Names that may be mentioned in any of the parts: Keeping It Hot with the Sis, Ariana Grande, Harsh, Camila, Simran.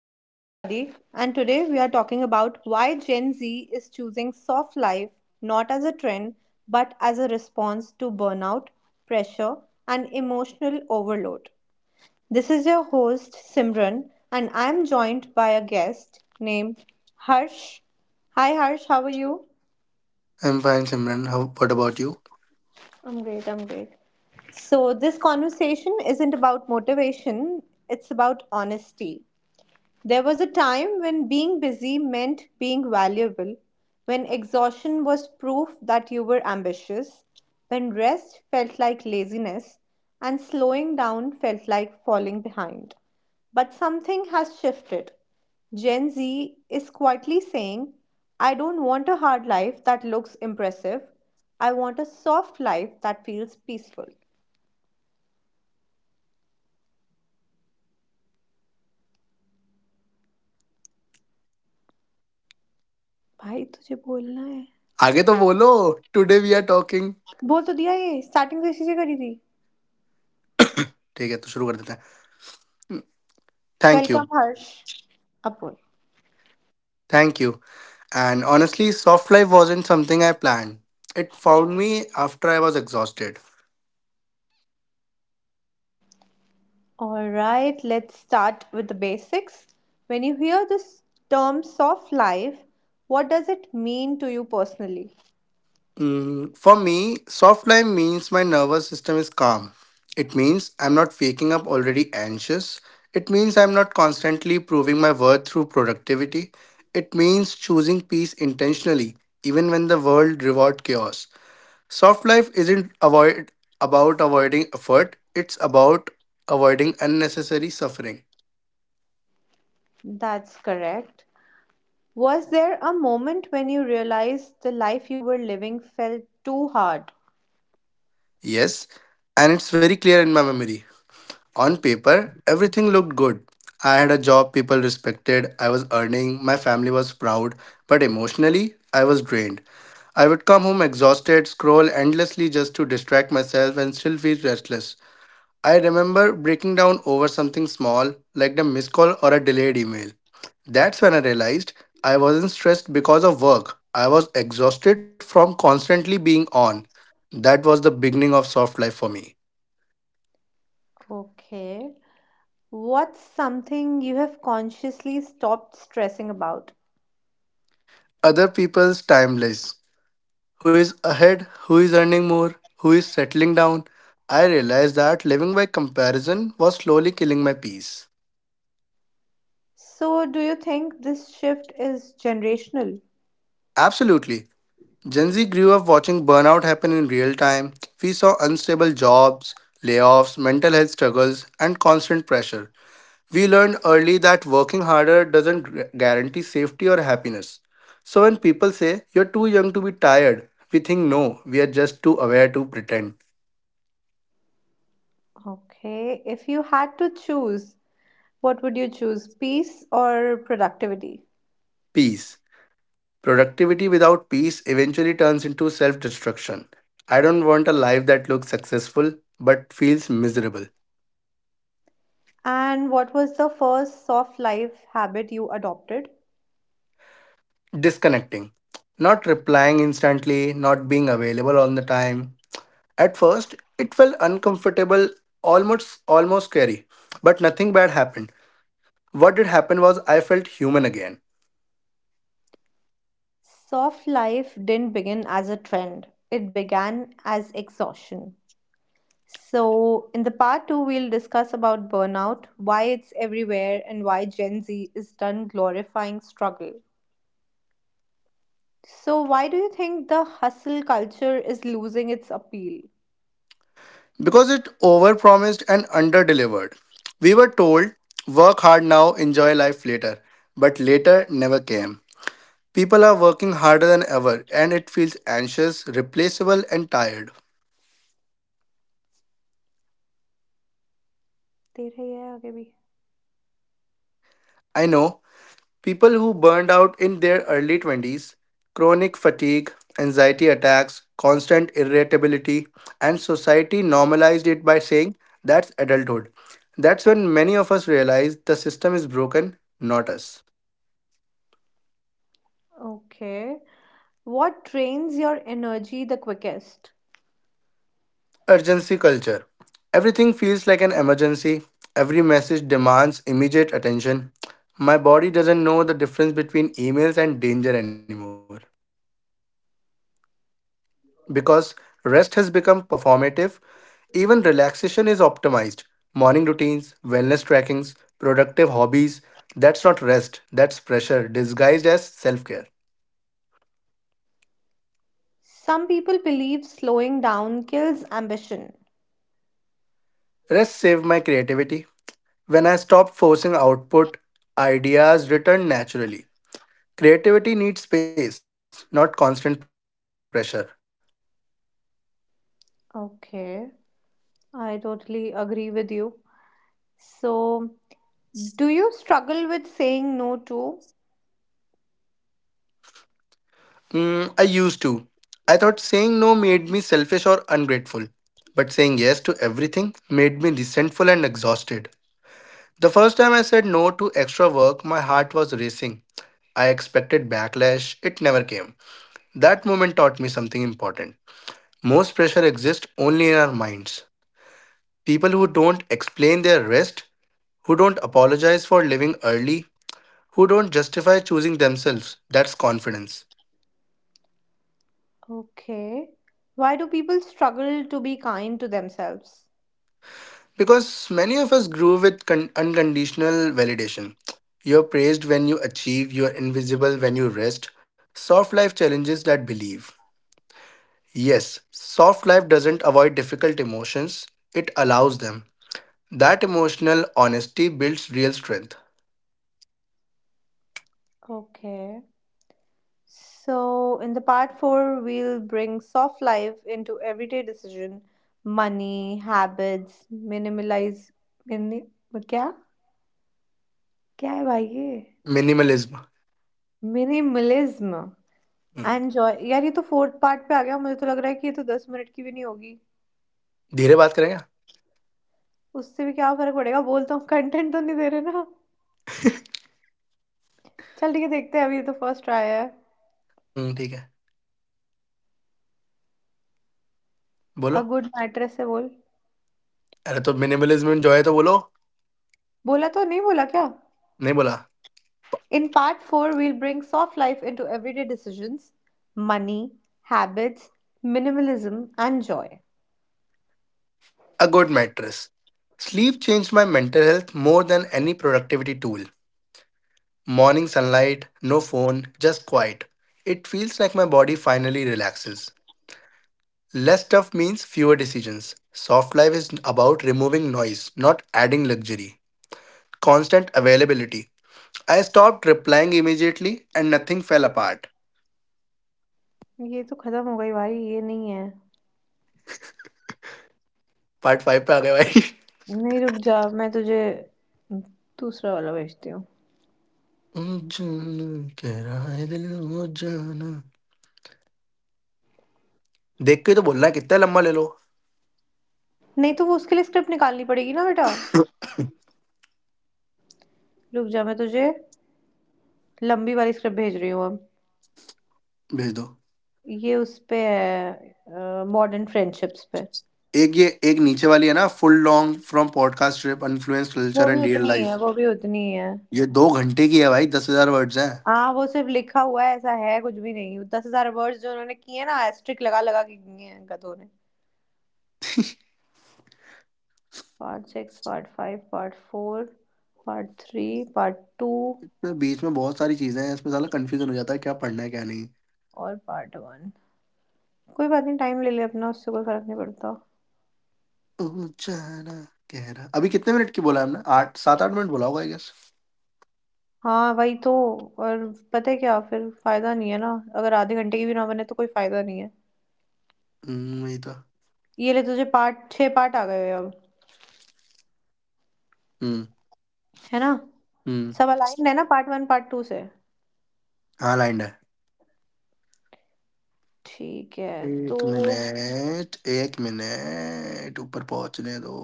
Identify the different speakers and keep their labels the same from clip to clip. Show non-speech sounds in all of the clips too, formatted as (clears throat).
Speaker 1: Hello, everybody, and today we are talking about why Gen Z is choosing soft life not as a trend but as a response to burnout, pressure, and emotional overload. This is your host Simran, and I am joined by a guest named Harsh. Hi, Harsh, how are you?
Speaker 2: I'm fine, Simran. What about you?
Speaker 1: I'm great, I'm great. So, this conversation isn't about motivation, it's about honesty. There was a time when being busy meant being valuable, when exhaustion was proof that you were ambitious, when rest felt like laziness, and slowing down felt like falling behind. But something has shifted. Gen Z is quietly saying, I don't want a hard life that looks impressive. I want a soft life that feels peaceful. भाई तुझे बोलना है
Speaker 2: आगे तो बोलो. Today we are talking.
Speaker 1: बोल तो दिया ये स्टार्टिंग तो इसी से करी थी
Speaker 2: ठीक है तो शुरू कर देते हैं. Thank
Speaker 1: Welcome,
Speaker 2: you,
Speaker 1: Harsh. Apul.
Speaker 2: thank you. And honestly, soft life wasn't something I planned. It found me after I was exhausted.
Speaker 1: All right, let's start with the basics. When you hear this term soft life, what does it mean to you personally?
Speaker 2: For me, soft life means my nervous system is calm. It means I'm not waking up already anxious. It means I'm not constantly proving my worth through productivity. It means choosing peace intentionally, even when the world rewards chaos. Soft life isn't avoid about avoiding effort, it's about avoiding unnecessary suffering.
Speaker 1: That's correct. Was there a moment when you realized the life you were living felt too hard?
Speaker 2: Yes, and it's very clear in my memory. On paper, everything looked good. I had a job people respected, I was earning, my family was proud, but emotionally, I was drained. I would come home exhausted, scroll endlessly just to distract myself, and still feel restless. I remember breaking down over something small, like the missed call or a delayed email. That's when I realized I wasn't stressed because of work. I was exhausted from constantly being on. That was the beginning of soft life for me.
Speaker 1: Okay. What's something you have consciously stopped stressing about?
Speaker 2: Other people's timeless. Who is ahead? Who is earning more? Who is settling down? I realized that living by comparison was slowly killing my peace.
Speaker 1: So, do you think this shift is generational?
Speaker 2: Absolutely. Gen Z grew up watching burnout happen in real time. We saw unstable jobs, layoffs, mental health struggles, and constant pressure. We learned early that working harder doesn't guarantee safety or happiness. So when people say, "You're too young to be tired," we think, "No, we are just too aware to pretend."
Speaker 1: Okay. If you had to choose, what would you choose, peace or productivity?
Speaker 2: Peace. Productivity without peace eventually turns into self destruction. I don't want a life that looks successful but feels miserable.
Speaker 1: And what was the first soft life habit you adopted?
Speaker 2: Disconnecting, not replying instantly, not being available on the time. At first, it felt uncomfortable, almost scary, but nothing bad happened. What did happen was I felt human again.
Speaker 1: Soft life didn't begin as a trend. It began as exhaustion. So, in the part 2 we'll discuss about burnout, why it's everywhere and why Gen Z is done glorifying struggle. So, why do you think the hustle culture is losing its appeal?
Speaker 2: Because it overpromised and underdelivered. We were told work hard now, enjoy life later, but later never came. People are working harder than ever and it feels anxious, replaceable and tired.
Speaker 1: तेरा ही है आगे भी.
Speaker 2: I know. People who burned out in their early 20s, chronic fatigue, anxiety attacks, constant irritability, and society normalized it by saying, "that's adulthood." That's when many of us realize the system is broken, not us.
Speaker 1: Okay. What drains your energy the quickest?
Speaker 2: Urgency culture. Everything feels like an emergency. Every message demands immediate attention. My body doesn't know the difference between emails and danger anymore. Because rest has become performative. Even relaxation is optimized. Morning routines, wellness trackings, productive hobbies, that's not rest, that's pressure disguised as self care.
Speaker 1: Some people believe slowing down kills ambition.
Speaker 2: Rest saved my creativity. When I stopped forcing output, ideas returned naturally. Creativity needs space, not constant pressure.
Speaker 1: Okay, I totally agree with you. So, do you struggle with saying no too?
Speaker 2: I used to. I thought saying no made me selfish or ungrateful. But saying yes to everything made me resentful and exhausted. The first time I said no to extra work, my heart was racing. I expected backlash, it never came. That moment taught me something important. Most pressure exists only in our minds. People who don't explain their rest, who don't apologize for leaving early, who don't justify choosing themselves, that's confidence.
Speaker 1: Okay. Why do people struggle to be kind to themselves?
Speaker 2: Because many of us grew with unconditional validation. You're praised when you achieve, you're invisible when you rest. Soft life challenges that believe. Yes, soft life doesn't avoid difficult emotions; it allows them. That emotional honesty builds real strength.
Speaker 1: Okay. So, in the part 4, we'll bring soft life into everyday decision, money, habits, mini, क्या क्या है भाई ये?
Speaker 2: Minimalism.
Speaker 1: Minimalism. Enjoy यार ये तो 4th part पे आ गया मुझे तो लग रहा है कि ये तो 10 मिनट की भी नहीं होगी।
Speaker 2: धीरे बात करेंगे?
Speaker 1: उससे भी क्या फ़र्क पड़ेगा बोल तो कंटेंट तो नहीं दे रहे ना। चल ठीक है देखते हैं अभी ये तो फर्स्ट ट्राई है।
Speaker 2: हम्म ठीक है.
Speaker 1: अ
Speaker 2: बोलो.
Speaker 1: गुड मैट्रेस से बोल।
Speaker 2: अरे तो minimalism enjoy तो बोलो.
Speaker 1: बोला तो नहीं बोला क्या?
Speaker 2: नहीं बोला.
Speaker 1: In part 4 we will bring soft life into everyday decisions, money, habits, minimalism and joy.
Speaker 2: A good mattress. Sleep changed my mental health more than any productivity tool. Morning sunlight, no phone, just quiet. It feels like my body finally relaxes. Less stuff means fewer decisions. Soft life is about removing noise, not adding luxury. Constant availability. I stopped replying immediately and nothing fell apart.
Speaker 1: ये तो खत्म हो गई भाई ये नहीं है।
Speaker 2: Part five पे आ गए भाई।
Speaker 1: नहीं रुक जा मैं तुझे दूसरा वाला भेजती हूँ।
Speaker 2: ओ जाना, कह रहा है दिल, ओ जाना। देख के तो बोलना है कितना लंबा ले लो।
Speaker 1: नहीं तो वो उसके लिए स्क्रिप्ट निकालनी पड़ेगी ना बेटा। रुक जा मैं तुझे लंबी वाली स्क्रिप्ट भेज रही हूँ अब।
Speaker 2: भेज दो।
Speaker 1: ये उस पे है मॉडर्न फ्रेंडशिप्स पे।
Speaker 2: एक ये एक नीचे वाली है ना full long from podcast trip influence
Speaker 1: वो
Speaker 2: culture
Speaker 1: भी
Speaker 2: and real
Speaker 1: उतनी ही
Speaker 2: life।
Speaker 1: है वो भी उतनी ही है।
Speaker 2: ये दो घंटे की है भाई दस हजार वर्ड्स हैं।
Speaker 1: हाँ, वो सिर्फ़ लिखा हुआ है ऐसा है कुछ भी नहीं। 10,000 वर्ड्स जो उन्होंने किए हैं ना एस्टेरिस्क लगा-लगा के किए हैं गधों ने। Part 6, part 5, part 4, part 3, part 2
Speaker 2: तो बीच में बहुत सारी चीजें हैं इसमें साला कन्फ्यूजन हो जाता है क्या पढ़ना है क्या नहीं।
Speaker 1: और पार्ट 1। कोई बात नहीं टाइम ले ले अपना उससे कोई फ़र्क नहीं पड़ता।
Speaker 2: ऊँचा ना गहरा अभी कितने मिनट की बोला है हमने? 8 7-8 मिनट बोला होगा आई गेस।
Speaker 1: हाँ, वही तो और पता है क्या फिर फ़ायदा नहीं है ना। अगर आधे घंटे की भी ना बने तो कोई फ़ायदा नहीं है।
Speaker 2: हुँ, वही तो।
Speaker 1: ये ले तुझे पार्ट 6 पार्ट आ गए अब,
Speaker 2: हुँ,
Speaker 1: है ना?
Speaker 2: हुँ।
Speaker 1: सब अलाइन्ड है ना पार्ट 1 पार्ट 2 से?
Speaker 2: हाँ, लाइन है।
Speaker 1: ठीक है, तो
Speaker 2: 1 मिनट ऊपर पहुँचने दो।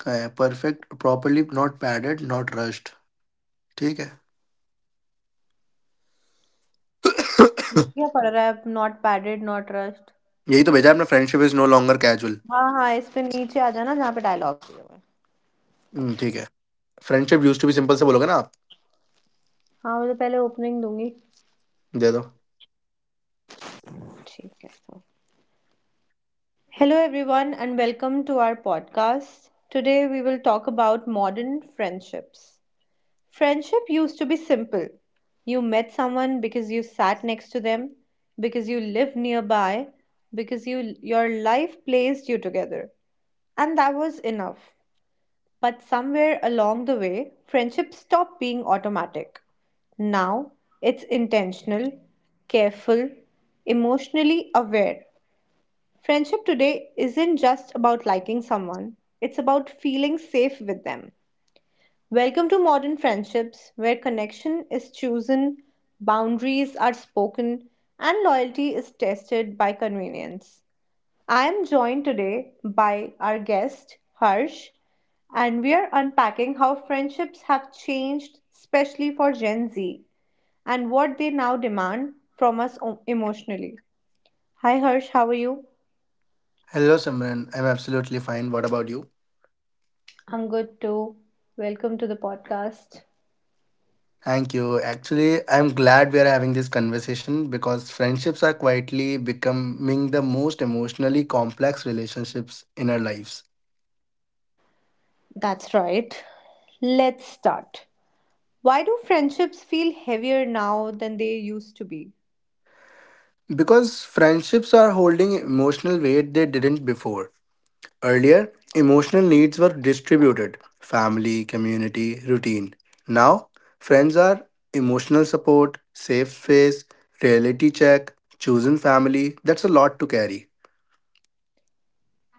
Speaker 2: कहाँ है? Perfect, properly not padded, not rushed. ठीक है।
Speaker 1: क्या पढ़ रहा है नॉट पैडेड नॉट रस्ट?
Speaker 2: यही तो भेजा है आपने friendship is no longer casual.
Speaker 1: हाँ, हाँ, इस पे नीचे आ जाना जहाँ पे डायलॉग्स दिए हुए हैं।
Speaker 2: हुँ, ठीक है। Friendship used to be simple से बोलोगे ना आप?
Speaker 1: हाँ, मैं तो पहले ओपनिंग दूँगी।
Speaker 2: दे दो।
Speaker 1: ठीक है तो। Hello everyone and welcome to our podcast. Today we will talk about modern friendships. Friendship used to be simple. You met someone because you sat next to them, because you lived nearby, because you your life placed you together. And that was enough. But somewhere along the way, friendship stopped being automatic. Now it's intentional, careful, emotionally aware. Friendship today isn't just about liking someone, it's about feeling safe with them. Welcome to modern friendships where connection is chosen, boundaries are spoken, and loyalty is tested by convenience. I am joined today by our guest, Harsh, and we are unpacking how friendships have changed, especially for Gen Z, and what they now demand from us emotionally. Hi, Harsh, how are you?
Speaker 2: Hello Simran, I am absolutely fine, what about you?
Speaker 1: I'm good too. Welcome to the podcast.
Speaker 2: Thank you. Actually, I'm glad we are having this conversation because friendships are quietly becoming the most emotionally complex relationships in our lives.
Speaker 1: That's right. Let's start. Why do friendships feel heavier now than they used to be?
Speaker 2: Because friendships are holding emotional weight they didn't before. Earlier, emotional needs were distributed family, community, routine. Now, friends are emotional support, safe space, reality check, chosen family. That's a lot to carry.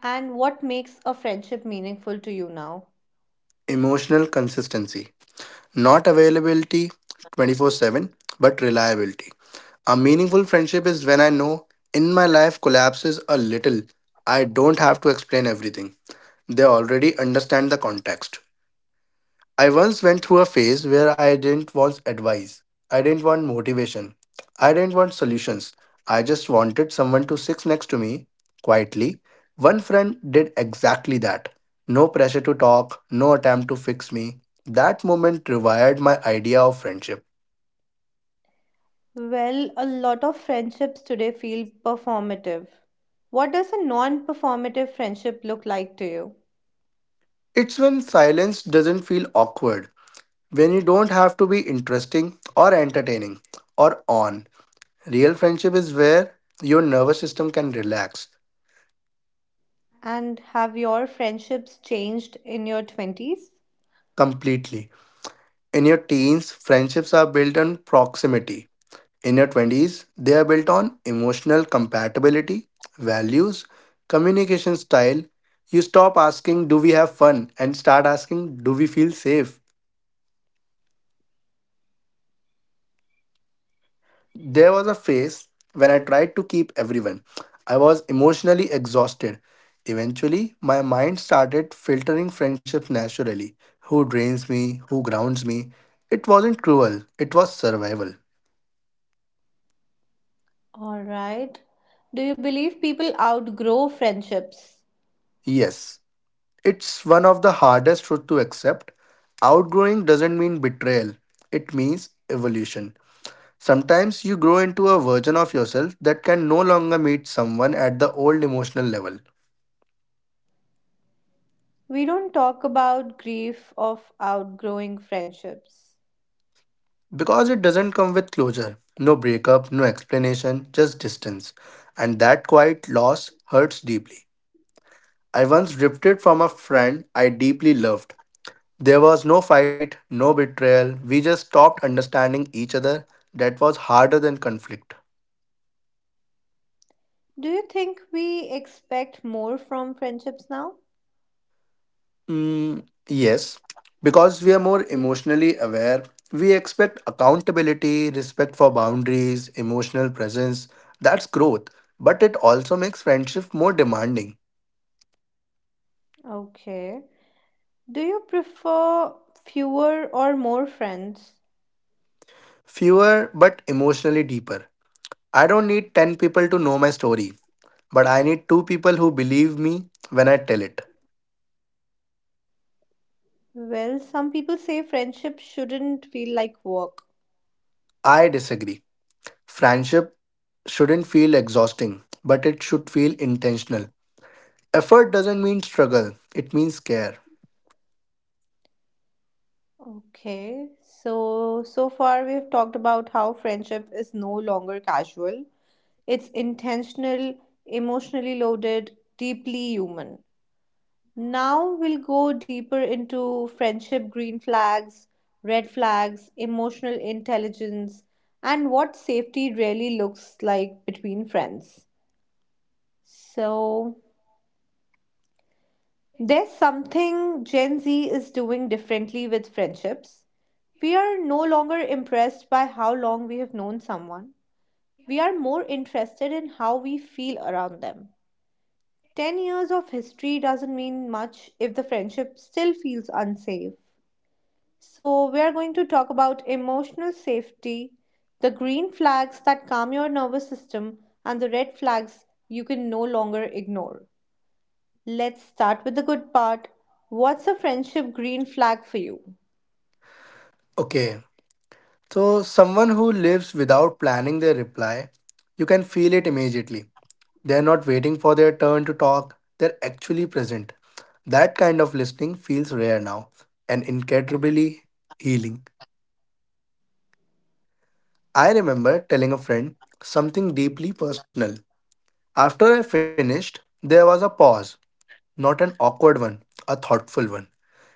Speaker 1: And what makes a friendship meaningful to you now?
Speaker 2: Emotional consistency. Not availability 24/7, but reliability. A meaningful friendship is when I know in my life collapses a little. I don't have to explain everything. They already understand the context. I once went through a phase where I didn't want advice. I didn't want motivation. I didn't want solutions. I just wanted someone to sit next to me quietly. One friend did exactly that. No pressure to talk, no attempt to fix me. That moment rewired my idea of friendship.
Speaker 1: Well, a lot of friendships today feel performative. What does a non performative friendship look like to you?
Speaker 2: It's when silence doesn't feel awkward, when you don't have to be interesting or entertaining or on. Real friendship is where your nervous system can relax
Speaker 1: And have your friendships changed in your 20s?
Speaker 2: completely. In your teens, friendships are built on proximity. In your 20s, they are built on emotional compatibility, values, communication style. You stop asking, "Do we have fun?" and start asking, "Do we feel safe?" There was a phase when I tried to keep everyone. I was emotionally exhausted. Eventually, my mind started filtering friendships naturally. Who drains me? Who grounds me? It wasn't cruel, it was survival.
Speaker 1: Alright. Do you believe people outgrow friendships?
Speaker 2: Yes, it's one of the hardest truths to accept. Outgrowing doesn't mean betrayal, it means evolution. Sometimes you grow into a version of yourself that can no longer meet someone at the old emotional level.
Speaker 1: We don't talk about grief of outgrowing friendships.
Speaker 2: Because it doesn't come with closure, no breakup, no explanation, just distance. And that quiet loss hurts deeply. I once drifted from a friend I deeply loved. There was no fight, no betrayal, we just stopped understanding each other. That was harder than conflict.
Speaker 1: Do you think we expect more from friendships now?
Speaker 2: Yes, because we are more emotionally aware, we expect accountability, respect for boundaries, emotional presence. That's growth, but it also makes friendship more demanding.
Speaker 1: Okay. Do you prefer fewer or more friends?
Speaker 2: Fewer but emotionally deeper. I don't need 10 people to know my story, but I need two people who believe me when I tell it.
Speaker 1: Well, some people say friendship shouldn't feel like work.
Speaker 2: I disagree. Friendship shouldn't feel exhausting, but it should feel intentional. Effort doesn't mean struggle, it means care.
Speaker 1: Okay. So, so far we've talked about how friendship is no longer casual. It's intentional, emotionally loaded, deeply human. Now we'll go deeper into friendship green flags, red flags, emotional intelligence, and what safety really looks like between friends. So, there's something Gen Z is doing differently with friendships. We are no longer impressed by how long we have known someone. We are more interested in how we feel around them. 10 years of history doesn't mean much if the friendship still feels unsafe. So, we are going to talk about emotional safety, the green flags that calm your nervous system, and the red flags you can no longer ignore. Let's start with the good part. What's a friendship green flag for you?
Speaker 2: Okay, so someone who lives without planning their reply, you can feel it immediately. They're not waiting for their turn to talk, they're actually present. That kind of listening feels rare now and incredibly healing. I remember telling a friend something deeply personal. After I finished, there was a pause, not an awkward one, a thoughtful one.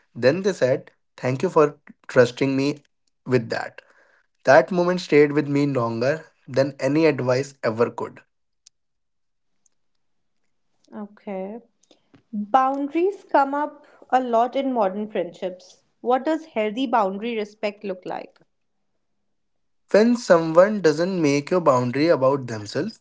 Speaker 2: Then they said, "Thank you for trusting me with that." That moment stayed with me longer than any advice ever could.
Speaker 1: Okay. Boundaries come up a lot in modern friendships. What does healthy boundary respect look like?
Speaker 2: When someone doesn't make your boundary about themselves,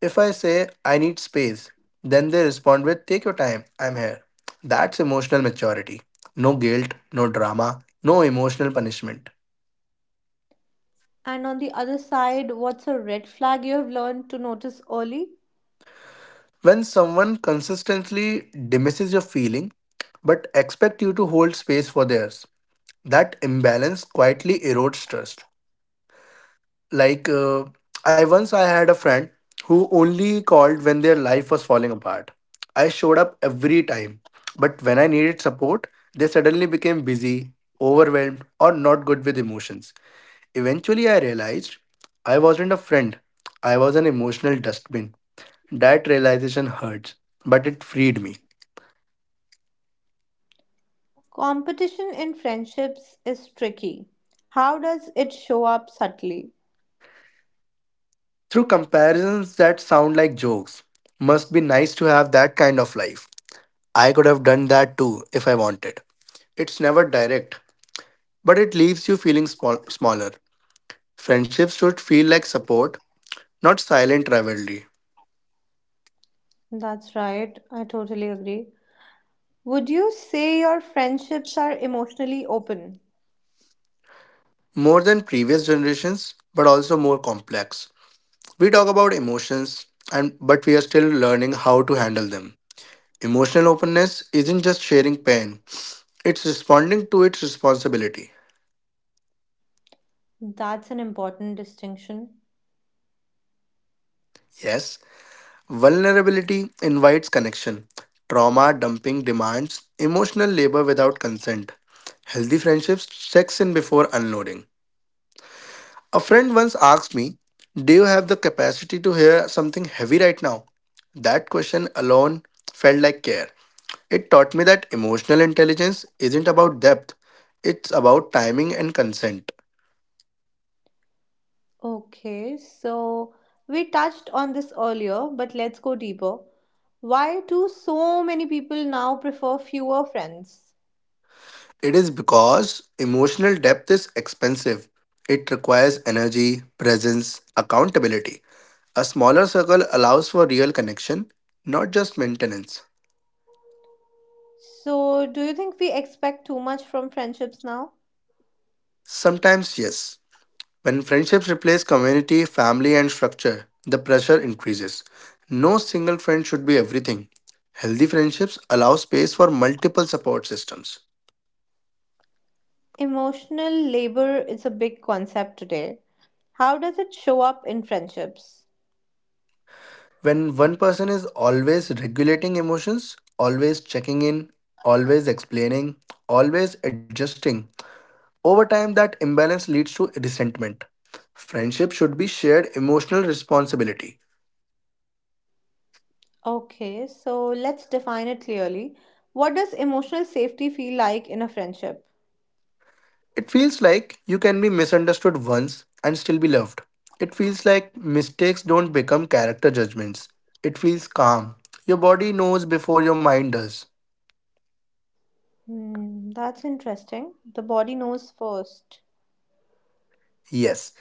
Speaker 2: if I say I need space, then they respond with "take your time, I'm here." That's emotional maturity. No guilt, no drama, no emotional punishment.
Speaker 1: And on the other side, what's a red flag you have learned to notice early?
Speaker 2: When someone consistently dismisses your feeling but expect you to hold space for theirs, that imbalance quietly erodes trust. Like I had a friend who only called when their life was falling apart. I showed up every time, but when I needed support, they suddenly became busy, overwhelmed, or not good with emotions. Eventually, I realized I wasn't a friend. I was an emotional dustbin. That realization hurts, but it freed me.
Speaker 1: Competition in friendships is tricky. How does it show up subtly?
Speaker 2: Through comparisons that sound like jokes, "must be nice to have that kind of life," "I could have done that too if I wanted." It's never direct, but it leaves you feeling small, smaller. Friendships should feel like support, not silent rivalry.
Speaker 1: That's right, I totally agree. Would you say your friendships are emotionally open?
Speaker 2: More than previous generations, but also more complex. We talk about emotions and but we are still learning how to handle them. Emotional openness isn't just sharing pain, it's responding to its responsibility.
Speaker 1: That's an important distinction.
Speaker 2: Yes, vulnerability invites connection. Trauma dumping demands emotional labor without consent. Healthy friendships checks in before unloading. A friend once asked me, "Do you have the capacity to hear something heavy right now?" That question alone felt like care. It taught me that emotional intelligence isn't about depth, it's about timing and consent.
Speaker 1: Okay, so we touched on this earlier, but let's go deeper. Why do so many people now prefer fewer friends?
Speaker 2: It is because emotional depth is expensive. It requires energy, presence, accountability. A smaller circle allows for real connection, not just maintenance.
Speaker 1: So, do you think we expect too much from friendships now?
Speaker 2: Sometimes, yes, when friendships replace community, family, and structure, the pressure increases. No single friend should be everything. Healthy friendships allow space for multiple support systems.
Speaker 1: Emotional labor is a big concept today. How does it show up in friendships?
Speaker 2: When one person is always regulating emotions, always checking in, always explaining, always adjusting, over time that imbalance leads to resentment. Friendship should be shared emotional responsibility.
Speaker 1: Okay, so let's define it clearly. What does emotional safety feel like in a friendship?
Speaker 2: It feels like you can be misunderstood once and still be loved. It feels like mistakes don't become character judgments. It feels calm. Your body knows before your mind does.
Speaker 1: Hmm, that's interesting. The body knows first.
Speaker 2: Yes,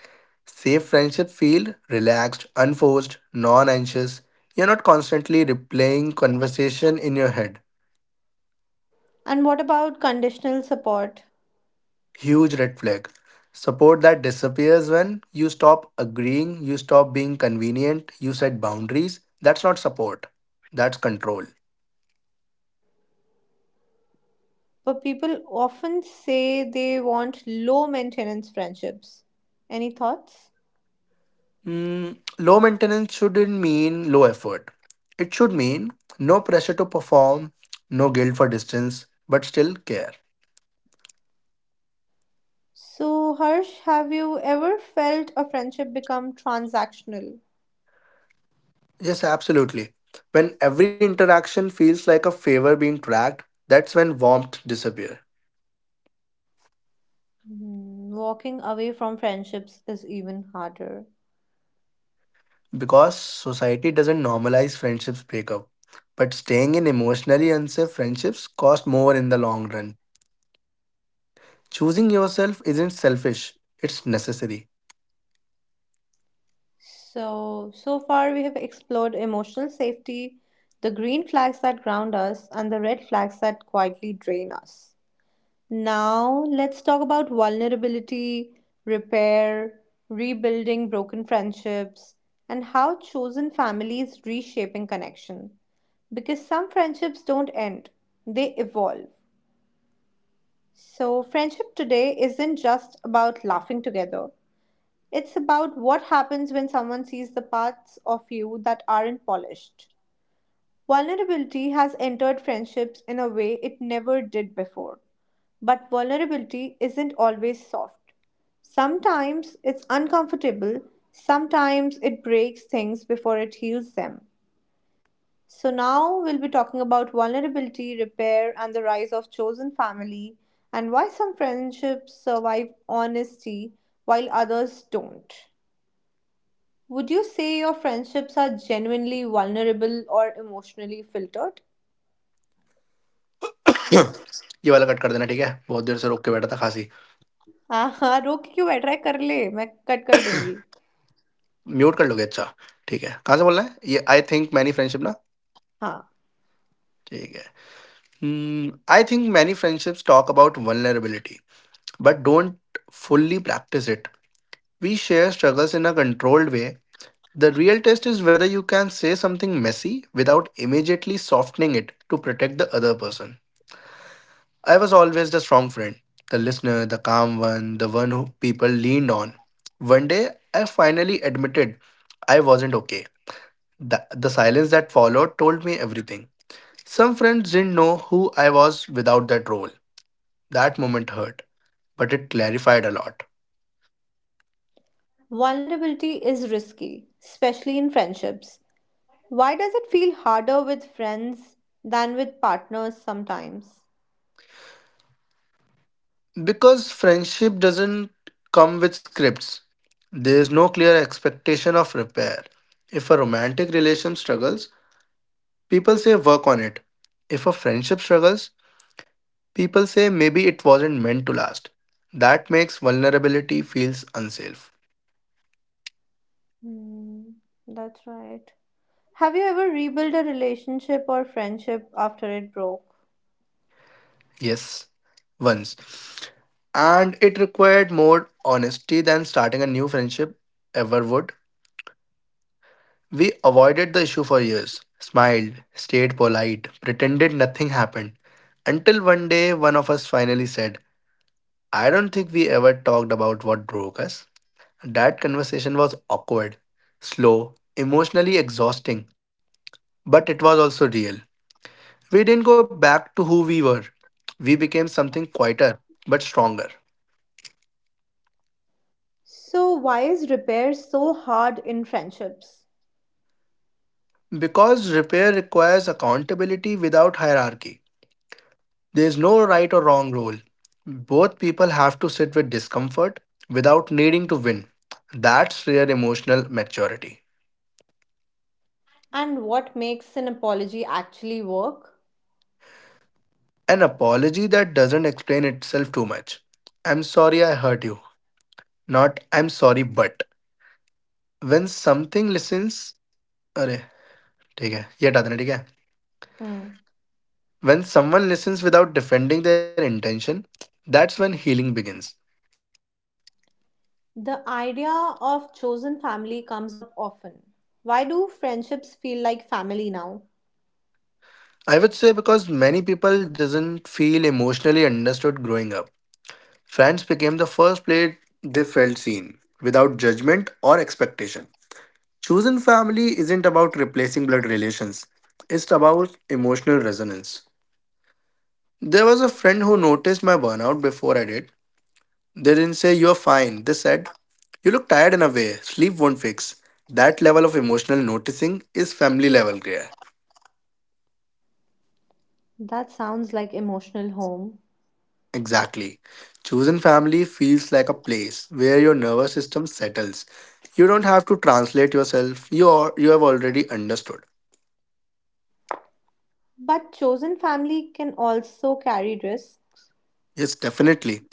Speaker 2: safe friendship feel relaxed, unforced, non-anxious. You're not constantly replaying conversation in your head.
Speaker 1: And what about conditional support?
Speaker 2: Huge red flag. Support that disappears when you stop agreeing, you stop being convenient, you set boundaries. That's not support. That's control.
Speaker 1: But people often say they want low maintenance friendships. Any thoughts?
Speaker 2: Mm, low maintenance shouldn't mean low effort. It should mean no pressure to perform, no guilt for distance, but still care.
Speaker 1: So, Harsh, have you ever felt a friendship become transactional?
Speaker 2: Yes, absolutely. When every interaction feels like a favor being tracked, that's when warmth disappears.
Speaker 1: Mhm. Walking away from friendships is even harder.
Speaker 2: Because society doesn't normalize friendships breakup, but staying in emotionally unsafe friendships cost more in the long run. Choosing yourself isn't selfish; it's necessary.
Speaker 1: So, so far we have explored emotional safety, the green flags that ground us, and the red flags that quietly drain us. Now, let's talk about vulnerability, repair, rebuilding broken friendships, and how chosen families reshaping connection. Because some friendships don't end, they evolve. So, friendship today isn't just about laughing together. It's about what happens when someone sees the parts of you that aren't polished. Vulnerability has entered friendships in a way it never did before. But vulnerability isn't always soft. Sometimes it's uncomfortable, sometimes it breaks things before it heals them. So, now we'll be talking about vulnerability, repair, and the rise of chosen family, and why some friendships survive honesty while others don't. Would you say your friendships are genuinely vulnerable or emotionally filtered?
Speaker 2: (clears throat) ये वाला cut कर देना ठीक है बहुत देर से रोक के बैठा था खांसी
Speaker 1: (laughs) हाँ हाँ रोक क्यों बैठ रहा है कर ले मैं कट कर दूंगी
Speaker 2: म्यूट कर लोगे अच्छा ठीक है कहाँ से बोल रहे हैं ये आई थिंक मैनी फ्रेंडशिप ना
Speaker 1: हाँ
Speaker 2: ठीक है I think many friendships talk about vulnerability but don't fully practice it. We share struggles in a controlled way. The real test is whether you can say something messy without immediately softening it to protect the other person. I was always the strong friend, the listener, the calm one, the one who people leaned on. One day I finally admitted I wasn't okay. The silence that followed told me everything. Some friends didn't know who I was without that role. That moment hurt, but it clarified a lot.
Speaker 1: Vulnerability is risky especially in friendships why does it feel harder with friends than with partners sometimes.
Speaker 2: Because friendship doesn't come with scripts, there is no clear expectation of repair. If a romantic relation struggles, people say work on it. If a friendship struggles, people say maybe it wasn't meant to last. That makes vulnerability feels unsafe.
Speaker 1: Hmm, that's right. Have you ever rebuilt a relationship or friendship after it broke?
Speaker 2: Yes, once, and it required more honesty than starting a new friendship ever would. We avoided the issue for years, smiled, stayed polite, pretended nothing happened, until one day one of us finally said, "I don't think we ever talked about what broke us." That conversation was awkward, slow, emotionally exhausting, but it was also real. We didn't go back to who we were. We became something quieter, but stronger.
Speaker 1: So why is repair so hard in friendships?
Speaker 2: Because repair requires accountability without hierarchy. There is no right or wrong role. Both people have to sit with discomfort without needing to win. That's rare emotional maturity.
Speaker 1: And what makes an apology actually work?
Speaker 2: An apology that doesn't explain itself too much. "I'm sorry I hurt you." Not "I'm sorry but." When something listens, अरे ठीक है ये हटा देना ठीक है.
Speaker 1: Hmm.
Speaker 2: When someone listens without defending their intention, that's when healing begins.
Speaker 1: The idea of chosen family comes up often. Why do friendships feel like family now?
Speaker 2: I would say because many people doesn't feel emotionally understood growing up. Friends became the first place they felt seen without judgment or expectation. Chosen family isn't about replacing blood relations. It's about emotional resonance. There was a friend who noticed my burnout before I did. They didn't say you're fine. They said you look tired in a way. Sleep won't fix. That level of emotional noticing is family level care.
Speaker 1: That sounds like emotional home.
Speaker 2: Exactly. Chosen family feels like a place where your nervous system settles. You don't have to translate yourself, you, are, you have already understood.
Speaker 1: But chosen family can also carry risks.
Speaker 2: Yes, definitely.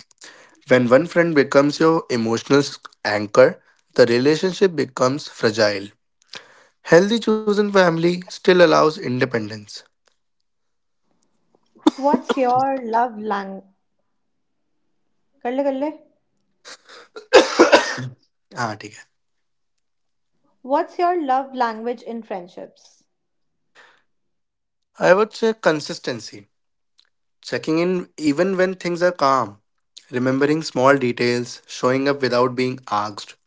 Speaker 2: When one friend becomes your anchor, the relationship becomes fragile. Healthy chosen family still allows independence.
Speaker 1: What's your love lang kalle kalle?
Speaker 2: Ah, ठीक है.
Speaker 1: What's your love language in friendships?
Speaker 2: I would say consistency. Checking in even when things are calm. Remembering small details, showing up without being asked.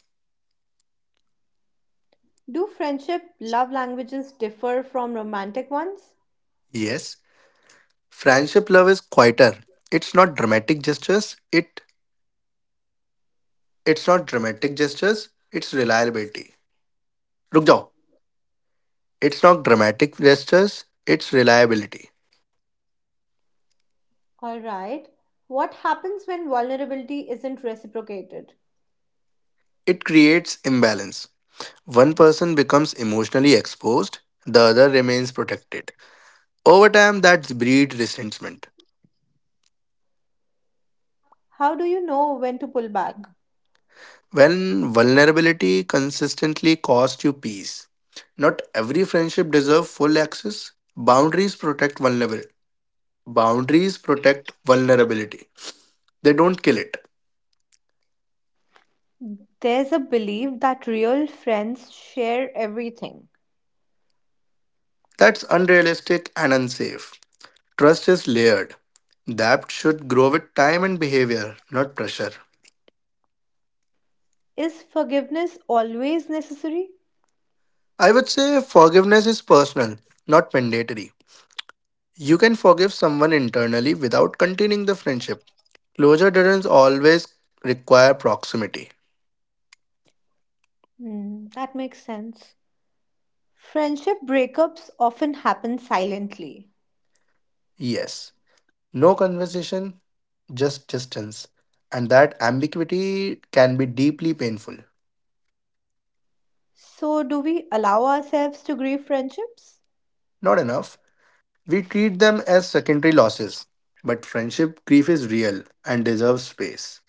Speaker 1: Do friendship love languages differ from romantic ones?
Speaker 2: Yes, friendship love is quieter. It's not dramatic gestures. It it's not dramatic gestures. It's reliability. Look, jao. It's not dramatic gestures. It's reliability.
Speaker 1: All right. What happens when vulnerability isn't reciprocated?
Speaker 2: It creates imbalance. One person becomes emotionally exposed. The other remains protected. Over time, that breeds resentment.
Speaker 1: How do you know when to pull back?
Speaker 2: When vulnerability consistently costs you peace. Not every friendship deserves full access. Boundaries protect vulnerability, they don't kill it.
Speaker 1: There's a belief that real friends share everything.
Speaker 2: That's unrealistic and unsafe. Trust is layered. That should grow with time and behavior, not pressure.
Speaker 1: Is forgiveness always necessary?
Speaker 2: I would say forgiveness is personal, not mandatory. You can forgive someone internally without continuing the friendship. Closure doesn't always require proximity.
Speaker 1: Hmm, that makes sense. Friendship breakups often happen silently.
Speaker 2: Yes, no conversation, just distance. And that ambiguity can be deeply painful.
Speaker 1: So, do we allow ourselves to grieve friendships?
Speaker 2: Not enough. We treat them as secondary losses, but friendship grief is real and deserves space.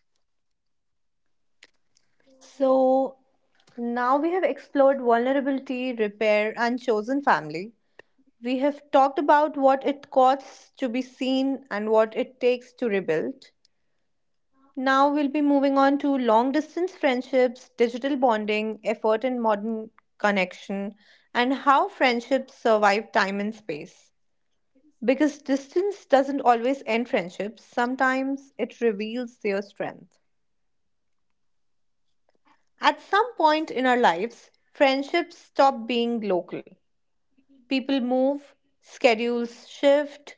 Speaker 1: So, now we have explored vulnerability, repair, and chosen family. We have talked about what it costs to be seen and what it takes to rebuild. Now we'll be moving on to long distance friendships, digital bonding, effort and modern connection, and how friendships survive time and space. Because distance doesn't always end friendships, sometimes it reveals their strength. At some point in our lives, friendships stop being local. People move, schedules shift,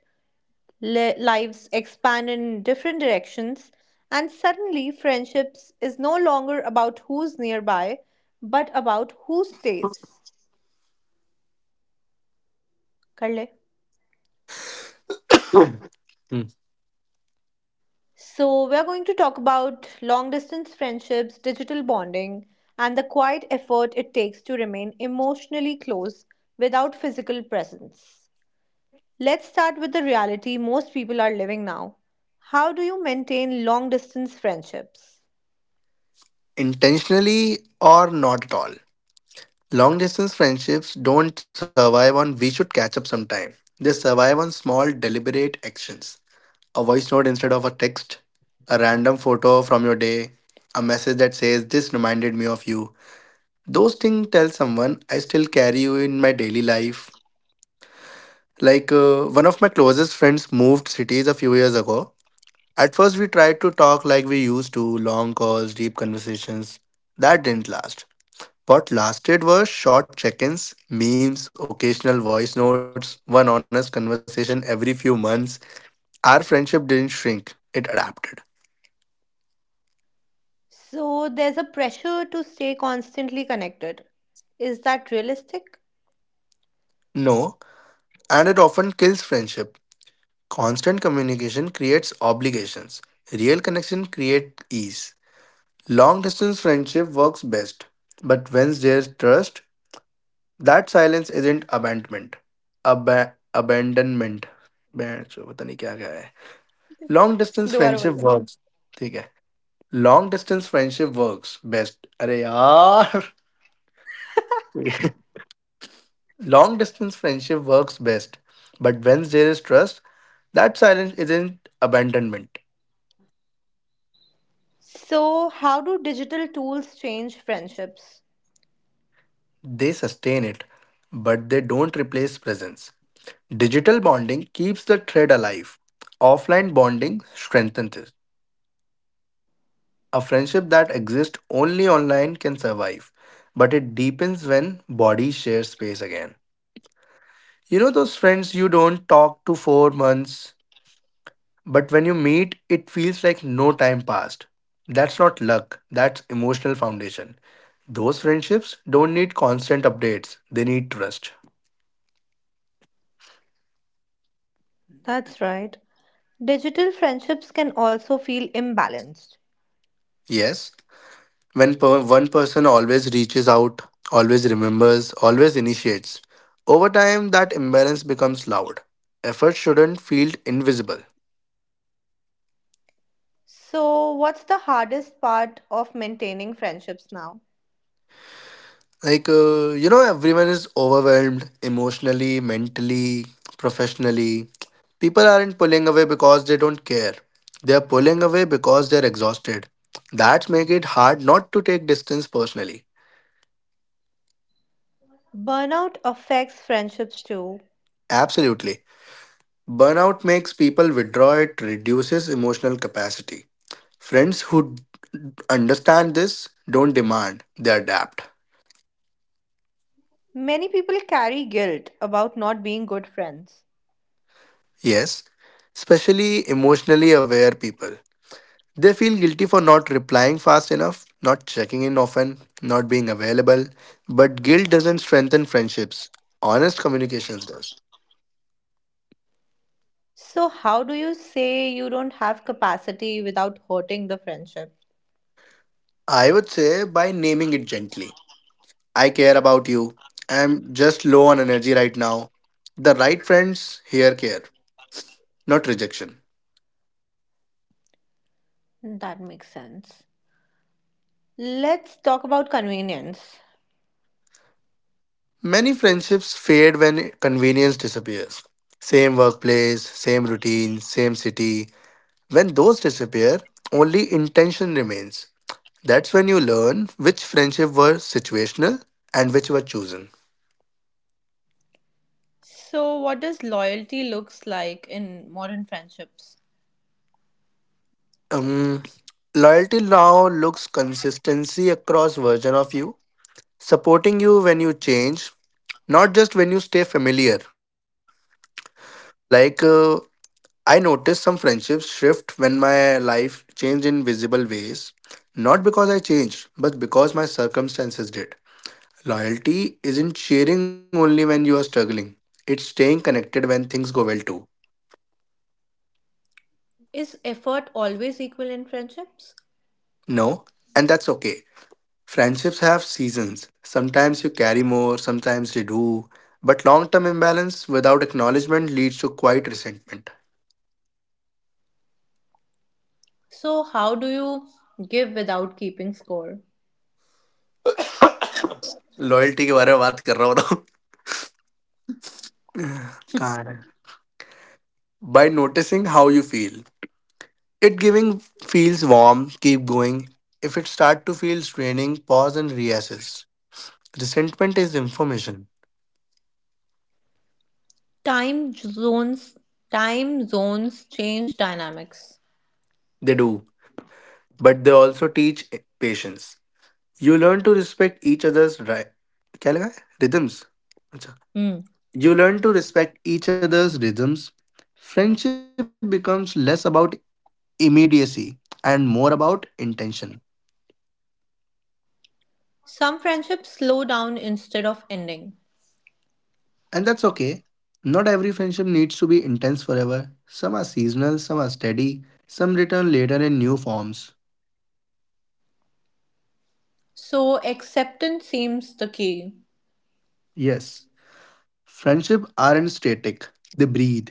Speaker 1: lives expand in different directions, and suddenly friendships is no longer about who's nearby, but about who stays. कर ले.
Speaker 2: Hmm.
Speaker 1: So, we are going to talk about long distance friendships, digital bonding, and the quiet effort it takes to remain emotionally close without physical presence. Let's start with the reality most people are living now. How do you maintain long distance friendships?
Speaker 2: Intentionally or not at all. Long distance friendships don't survive on "we should catch up sometime." They survive on small, deliberate actions. A voice note instead of a text, a random photo from your day, a message that says, "This reminded me of you." Those things tell someone, "I still carry you in my daily life." One of my closest friends moved cities a few years ago. At first, we tried to talk like we used to, long calls, deep conversations. That didn't last. What lasted were short check ins, memes, occasional voice notes, one honest conversation every few months. Our friendship didn't shrink, it adapted.
Speaker 1: So there's a pressure to stay constantly connected. Is that realistic?
Speaker 2: No, and it often kills friendship. Constant communication creates obligations, real connection creates ease. Long distance friendship works best, but when there's trust, that silence isn't abandonment. Ab- abandonment. बैंड चो, पता नहीं क्या क्या है long distance
Speaker 1: दोबारा
Speaker 2: friendship
Speaker 1: बोल दे.
Speaker 2: Works ठीक है long distance friendship works best अरे यार long distance friendship works best but when there is trust silence (laughs) isn't abandonment.
Speaker 1: So, how do digital tools change friendships?
Speaker 2: They sustain it but they don't replace presence. Digital bonding keeps the thread alive, offline bonding strengthens it. A friendship that exists only online can survive, but it deepens when bodies share space again. You know those friends you don't talk to for months, but when you meet, it feels like no time passed. That's not luck, that's emotional foundation. Those friendships don't need constant updates, they need trust.
Speaker 1: That's right. Digital friendships can also feel imbalanced.
Speaker 2: Yes, when one person always reaches out, always remembers, always initiates, over time that imbalance becomes loud. Effort shouldn't feel invisible.
Speaker 1: So, what's the hardest part of maintaining friendships now?
Speaker 2: You know, everyone is overwhelmed emotionally, mentally, professionally. People aren't pulling away because they don't care. They're pulling away because they're exhausted. That makes it hard not to take distance personally.
Speaker 1: Burnout affects friendships too.
Speaker 2: Absolutely. Burnout makes people withdraw, it reduces emotional capacity. Friends who understand this don't demand, they adapt.
Speaker 1: Many people carry guilt about not being good friends.
Speaker 2: Yes, especially emotionally aware people. They feel guilty for not replying fast enough, not checking in often, not being available. But guilt doesn't strengthen friendships, honest communications does.
Speaker 1: So, how do you say you don't have capacity without hurting the friendship?
Speaker 2: I would say by naming it gently. "I care about you. I'm just low on energy right now." The right friends here care, not rejection.
Speaker 1: That makes sense. Let's talk about convenience.
Speaker 2: Many friendships fade when convenience disappears. Same workplace, same routine, same city. When those disappear, only intention remains. That's when you learn which friendship were situational and which were chosen.
Speaker 1: So, what does loyalty looks like in modern friendships?
Speaker 2: Um, loyalty now looks consistency across version of you, supporting you when you change, not just when you stay familiar. Like uh, I noticed some friendships shift when my life changed in visible ways. Not because I changed, but because my circumstances did. Loyalty isn't sharing only when you are struggling, it's staying connected when things go well too.
Speaker 1: Is effort always equal in friendships?
Speaker 2: No, and that's okay. Friendships have seasons. Sometimes you carry more, sometimes you do. But long term imbalance without acknowledgement leads to quiet resentment.
Speaker 1: So, how do you give without keeping score?
Speaker 2: Loyalty के बारे में बात कर रहा हूँ बताओ. By noticing how you feel. It giving feels warm, keep going. If it start to feel straining, pause and reassess. Resentment is information.
Speaker 1: Time zones Time zones change dynamics.
Speaker 2: They do, but they also teach patience. You learn to respect each other's right. क्या लगा है? Rhythms. अच्छा.
Speaker 1: Hmm.
Speaker 2: You learn to respect each other's rhythms. Friendship becomes less about immediacy and more about intention.
Speaker 1: Some friendships slow down instead of ending.
Speaker 2: And that's okay. Not every friendship needs to be intense forever. Some are seasonal, some are steady, some return later in new forms.
Speaker 1: So, acceptance seems the key.
Speaker 2: Yes, friendship aren't static, they breathe.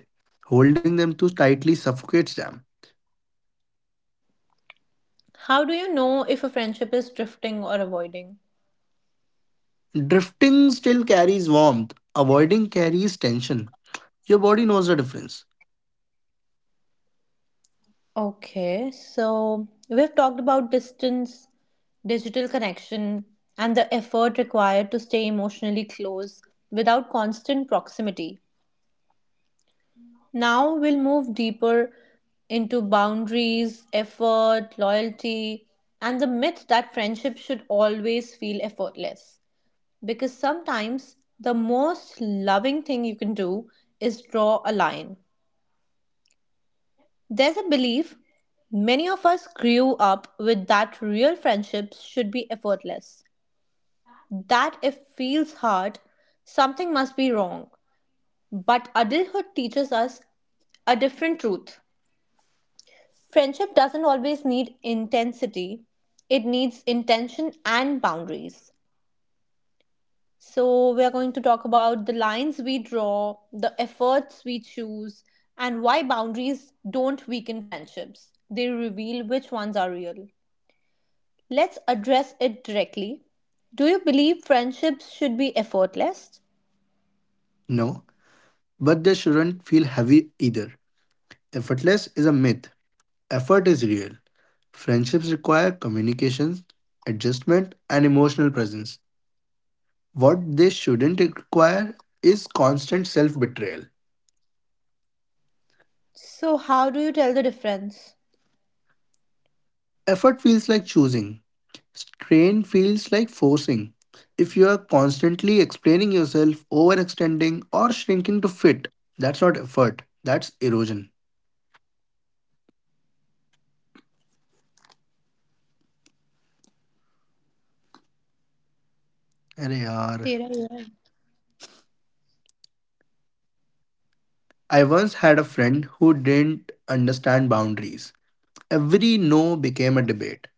Speaker 2: Holding them too tightly suffocates them.
Speaker 1: How do you know if a friendship is drifting or avoiding?
Speaker 2: Drifting still carries warmth, avoiding carries tension. Your body knows the difference.
Speaker 1: Okay, so we've talked about distance, digital connection, and the effort required to stay emotionally close without constant proximity. Now we'll move deeper into boundaries, effort, loyalty, and the myth that friendship should always feel effortless. Because sometimes the most loving thing you can do is draw a line. There's a belief many of us grew up with that real friendships should be effortless, that if feels hard, something must be wrong. But adulthood teaches us a different truth. Friendship doesn't always need intensity, it needs intention and boundaries. So, we are going to talk about the lines we draw, the efforts we choose, and why boundaries don't weaken friendships. They reveal which ones are real. Let's address it directly. Do you believe friendships should be effortless?
Speaker 2: No, but they shouldn't feel heavy either. Effortless is a myth, effort is real. Friendships require communications, adjustment, and emotional presence. What they shouldn't require is constant self betrayal.
Speaker 1: So, how do you tell the difference?
Speaker 2: Effort feels like choosing, strain feels like forcing. If you are constantly explaining yourself, overextending, or shrinking to fit, that's not effort, that's erosion. Arre yaar.
Speaker 1: There are.
Speaker 2: I once had a friend who didn't understand boundaries. Every no became a debate,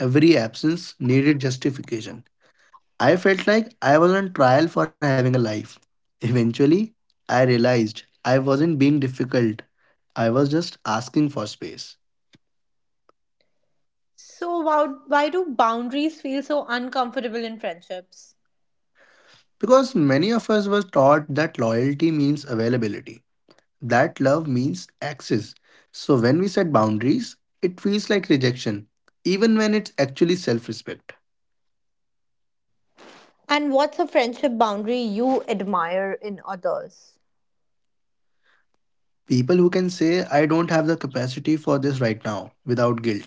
Speaker 2: every absence needed justification. I felt like I was on trial for having a life. Eventually, I realized I wasn't being difficult, I was just asking for space.
Speaker 1: So, why do boundaries feel so uncomfortable in friendships?
Speaker 2: Because many of us were taught that loyalty means availability, that love means access. So when we set boundaries, it feels like rejection, even when it's actually self respect.
Speaker 1: And what's a friendship boundary you admire in others?
Speaker 2: People who can say, "I don't have the capacity for this right now" without guilt.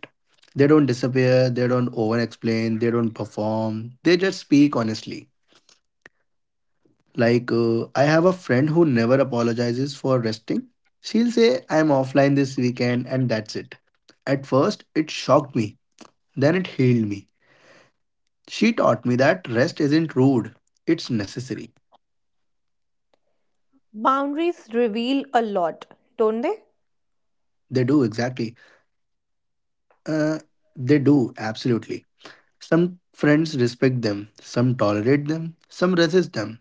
Speaker 2: They don't disappear, they don't over explain, they don't perform, they just speak honestly. I have a friend who never apologizes for resting. She'll say, "I'm offline this weekend," and that's it. At first, it shocked me, then it healed me. She taught me that rest isn't rude, it's necessary.
Speaker 1: Boundaries reveal a lot, don't they?
Speaker 2: They do, exactly. Uh, they do, absolutely. Some friends respect them, some tolerate them, some resist them.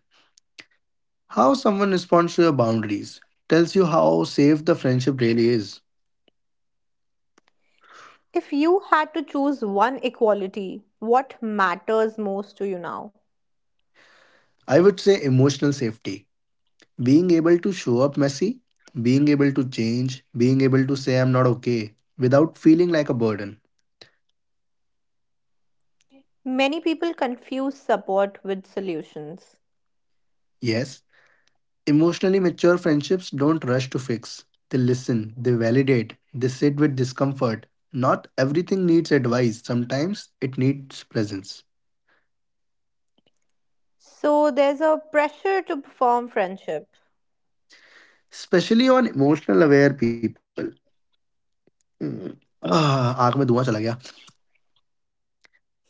Speaker 2: How someone responds to your boundaries tells you how safe the friendship really is.
Speaker 1: If you had to choose one equality, what matters most to you now?
Speaker 2: I would say emotional safety. Being able to show up messy, being able to change, being able to say I'm not okay without feeling like a burden.
Speaker 1: Many people confuse support with solutions.
Speaker 2: Yes, emotionally mature friendships don't rush to fix. They listen, they validate, they sit with discomfort. Not everything needs advice, sometimes it needs presence.
Speaker 1: So there's a pressure to perform friendship.
Speaker 2: Especially on emotionally aware people. Ah, fire in my mouth.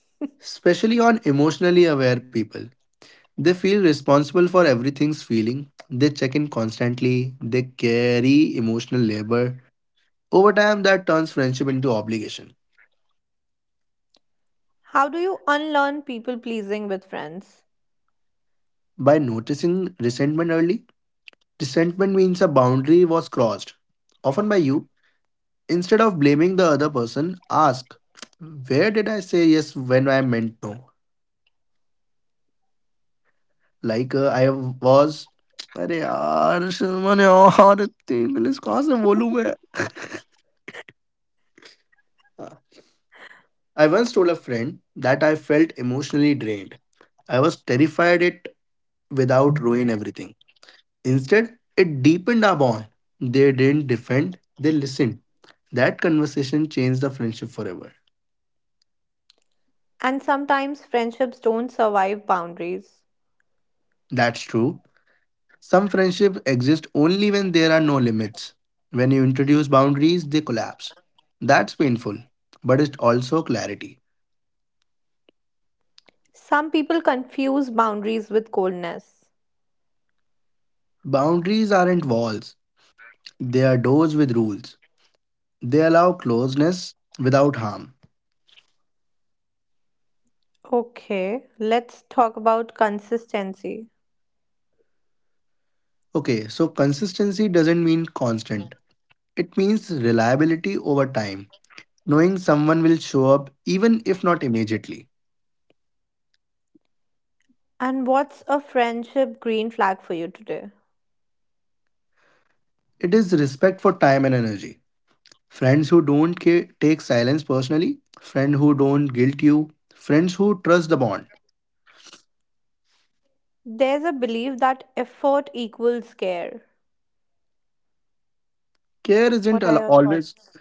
Speaker 2: Especially on emotionally aware people. They feel responsible for everything's feeling. They check in constantly. They carry emotional labor. Over time, that turns friendship into obligation.
Speaker 1: How do you unlearn people pleasing with friends?
Speaker 2: By noticing resentment early, resentment means a boundary was crossed, often by you. Instead of blaming the other person, ask, "Where did I say yes when I meant no?" Like I was अरे यार शर्मन और इतनी English कहाँ से बोलूँ मैं I once told a friend that I felt emotionally drained. I was terrified it without ruin everything. Instead, it deepened our bond. They didn't defend, they listened. That conversation changed the friendship forever.
Speaker 1: And sometimes friendships don't survive boundaries.
Speaker 2: That's true. Some friendships exist only when there are no limits. When you introduce boundaries, they collapse. That's painful, but it's also clarity.
Speaker 1: Some people confuse boundaries with coldness.
Speaker 2: Boundaries aren't walls, they are doors with rules. They allow closeness without harm.
Speaker 1: Okay, let's talk about consistency.
Speaker 2: Okay, so consistency doesn't mean constant, it means reliability over time. Knowing someone will show up even if not immediately.
Speaker 1: And what's a friendship green flag for you today?
Speaker 2: It is respect for time and energy. Friends who don't take silence personally, friends who don't guilt you, friends who trust the bond.
Speaker 1: There's a belief that effort equals care.
Speaker 2: Care isn't
Speaker 1: What are your
Speaker 2: always.
Speaker 1: thoughts?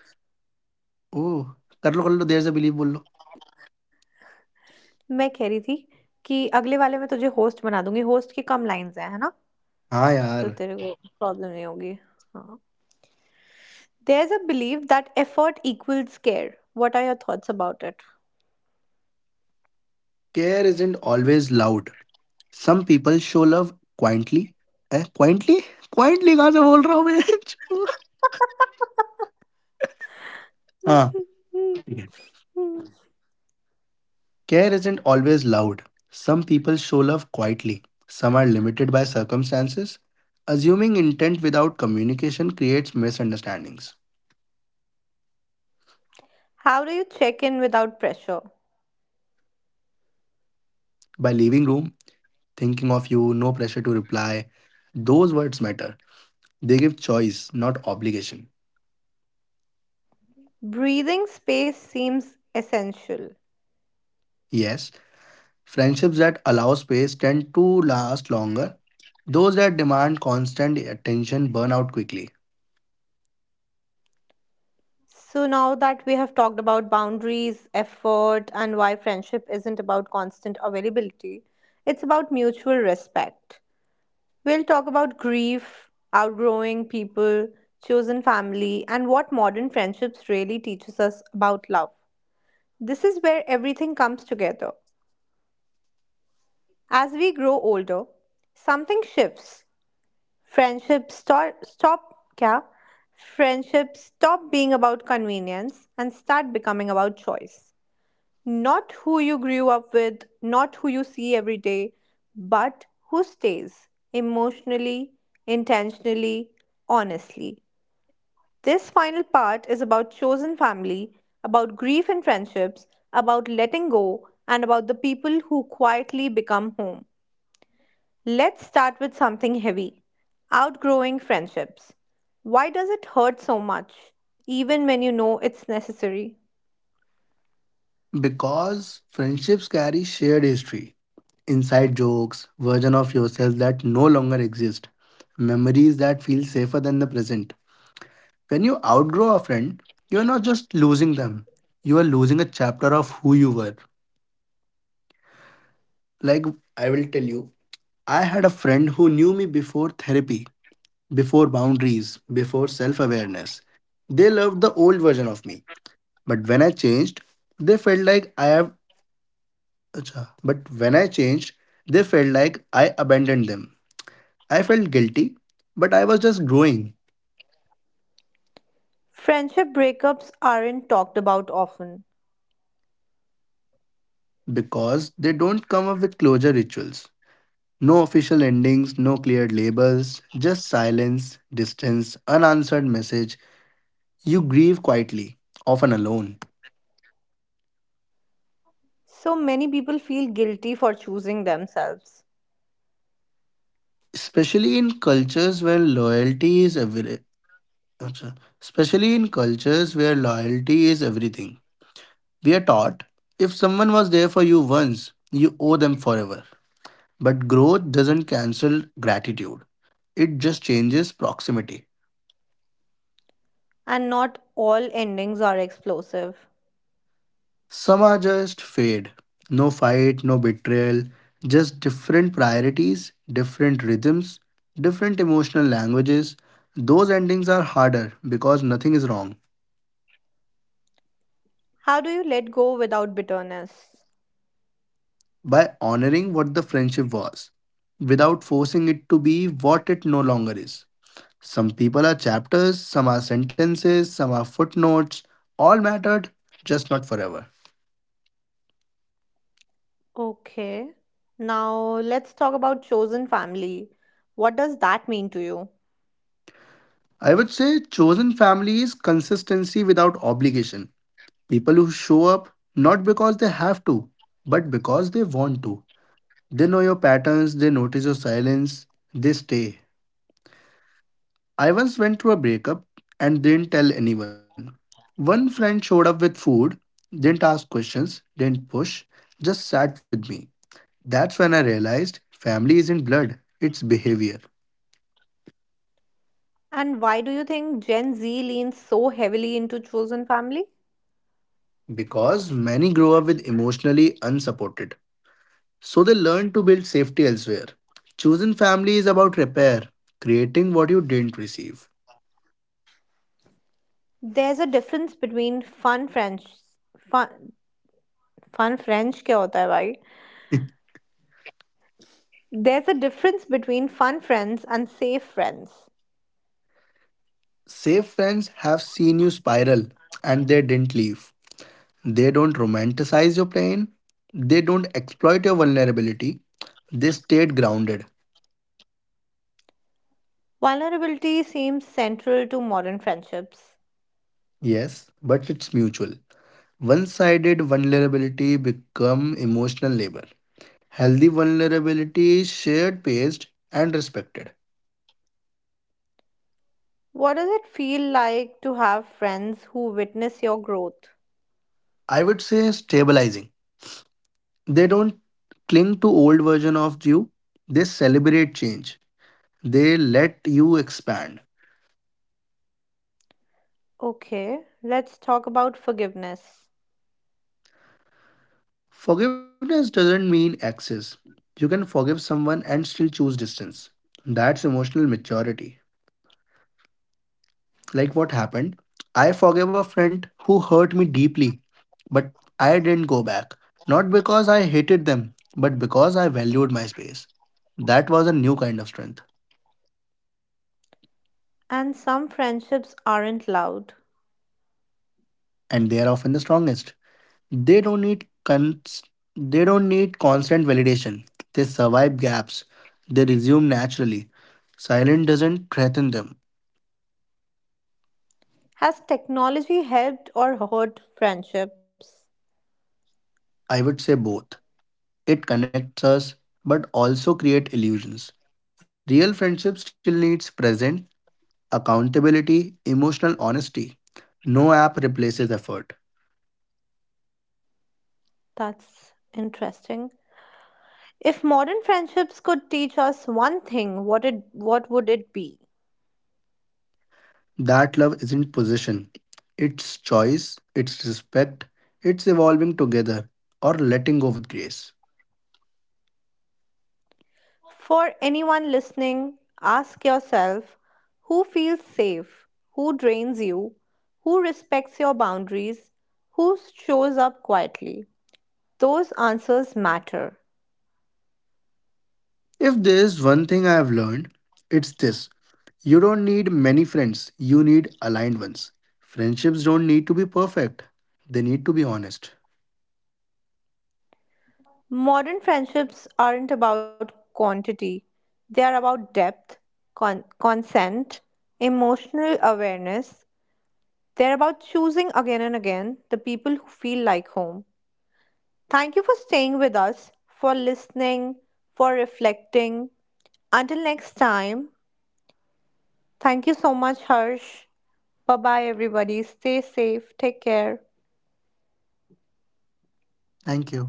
Speaker 2: Oh, कर लो देर से believe बोल लो
Speaker 1: मैं कह रही थी कि अगले वाले में तुझे होस्ट बना दूंगी होस्ट की कम लाइंस हैं है ना,
Speaker 2: हाँ
Speaker 1: तो
Speaker 2: यार
Speaker 1: तेरे को प्रॉब्लम नहीं होगी. हाँ. There is a believe that effort equals care. What are your thoughts about it?
Speaker 2: Care isn't always loud, some people show love quietly. Eh, quietly? Quietly कहाँ से बोल रहा हूँ मैं? (laughs) हाँ, ठीक है. Care isn't always loud. Some people show love quietly. Some are limited by circumstances. Assuming intent without communication creates misunderstandings.
Speaker 1: How do you check in without pressure?
Speaker 2: By leaving room, thinking of you, no pressure to reply, those words matter. They give choice, not obligation.
Speaker 1: Breathing space seems essential.
Speaker 2: Yes, friendships that allow space tend to last longer. Those that demand constant attention burn out quickly.
Speaker 1: So, now that we have talked about boundaries, effort, and why friendship isn't about constant availability, it's about mutual respect. We'll talk about grief, outgrowing people, chosen family, and what modern friendships really teaches us about love. This is where everything comes together. As we grow older, something shifts. Friendships start stop क्या? Friendships stop being about convenience and start becoming about choice. Not who you grew up with, not who you see every day, but who stays emotionally, intentionally, honestly. This final part is about chosen family, about grief and friendships, about letting go, and about the people who quietly become home. Let's start with something heavy outgrowing friendships. Why does it hurt so much, even when you know it's necessary?
Speaker 2: Because friendships carry shared history, inside jokes, version of yourself that no longer exist, memories that feel safer than the present. When you outgrow a friend, you're not just losing them, you are losing a chapter of who you were. Like I will tell you, I had a friend who knew me before therapy, before boundaries, before self awareness. They loved the old version of me. But when I changed, they felt like I have. Acha. But when I changed, they felt like I abandoned them. I felt guilty, but I was just growing
Speaker 1: Friendship breakups aren't talked about often.
Speaker 2: because they don't come up with closure rituals. No official endings, no cleared labels, just silence, distance, unanswered message. You grieve quietly, often alone.
Speaker 1: So many people feel guilty for choosing themselves,
Speaker 2: Especially in cultures where loyalty is Acha. Especially in cultures where loyalty is everything. We are taught if someone was there for you once, you owe them forever. But growth doesn't cancel gratitude, it just changes proximity.
Speaker 1: and not all endings are explosive.
Speaker 2: Some are just fade. No fight, no betrayal, just different priorities, different rhythms, different emotional languages. Those endings are harder because nothing is wrong.
Speaker 1: How do you let go without bitterness?
Speaker 2: By honoring what the friendship was without forcing it to be what it no longer is. Some people are chapters, some are sentences, some are footnotes. All mattered, just not forever.
Speaker 1: Okay, now let's talk about chosen family. What does that mean to you?
Speaker 2: I would say chosen family is consistency without obligation. People who show up not because they have to, but because they want to. They know your patterns, they notice your silence, they stay. I once went through a breakup and didn't tell anyone. One friend showed up with food, didn't ask questions, didn't push, just sat with me. That's when I realized family isn't blood, it's behavior.
Speaker 1: And why do you think Gen Z leans so heavily into chosen family?
Speaker 2: Because many grow up with emotionally unsupported. So they learn to build safety elsewhere. Choosing family is about repair, creating what you didn't receive.
Speaker 1: There's a difference between fun French. Fun, fun French क्या होता है भाई? There's a difference between fun friends and safe friends.
Speaker 2: Safe friends have seen you spiral and they didn't leave. They don't romanticize your pain. They don't exploit your vulnerability. They stayed grounded.
Speaker 1: Vulnerability seems central to modern friendships.
Speaker 2: Yes, but it's mutual. One sided vulnerability become emotional labor. Healthy vulnerability is shared, paced, and respected.
Speaker 1: What does it feel like to have friends who witness your growth?
Speaker 2: I would say stabilizing. They don't cling to old version of you. They celebrate change. They let you expand.
Speaker 1: Okay, let's talk about forgiveness.
Speaker 2: Forgiveness doesn't mean access. You can forgive someone and still choose distance. That's emotional maturity. Like what happened, I forgave a friend who hurt me deeply, but I didn't go back. Not because I hated them, but because I valued my space. That was a new kind of strength,
Speaker 1: And some friendships aren't loud.
Speaker 2: and they are often the strongest. They don't need they don't need constant validation. They survive gaps. They resume naturally. Silence doesn't threaten them.
Speaker 1: Has technology helped or hurt friendships?
Speaker 2: I would say both. It connects us but also create illusions. Real friendship still needs presence, accountability, emotional honesty. No app replaces effort.
Speaker 1: That's interesting. If modern friendships could teach us one thing, what would it be?
Speaker 2: That love isn't possession. It's choice, it's respect, it's evolving together or letting go with grace.
Speaker 1: For anyone listening, ask yourself who feels safe, who drains you, who respects your boundaries, who shows up quietly. Those answers matter.
Speaker 2: If there's one thing I have learned, it's this. You don't need many friends, you need aligned ones. Friendships don't need to be perfect, they need to be honest.
Speaker 1: Modern friendships aren't about quantity, they are about depth, consent, emotional awareness. They're about choosing again and again the people who feel like home. Thank you for staying with us, for listening, for reflecting. Until next time, thank you so much, Harsh. Bye bye, everybody. Stay safe. Take care.
Speaker 2: Thank you.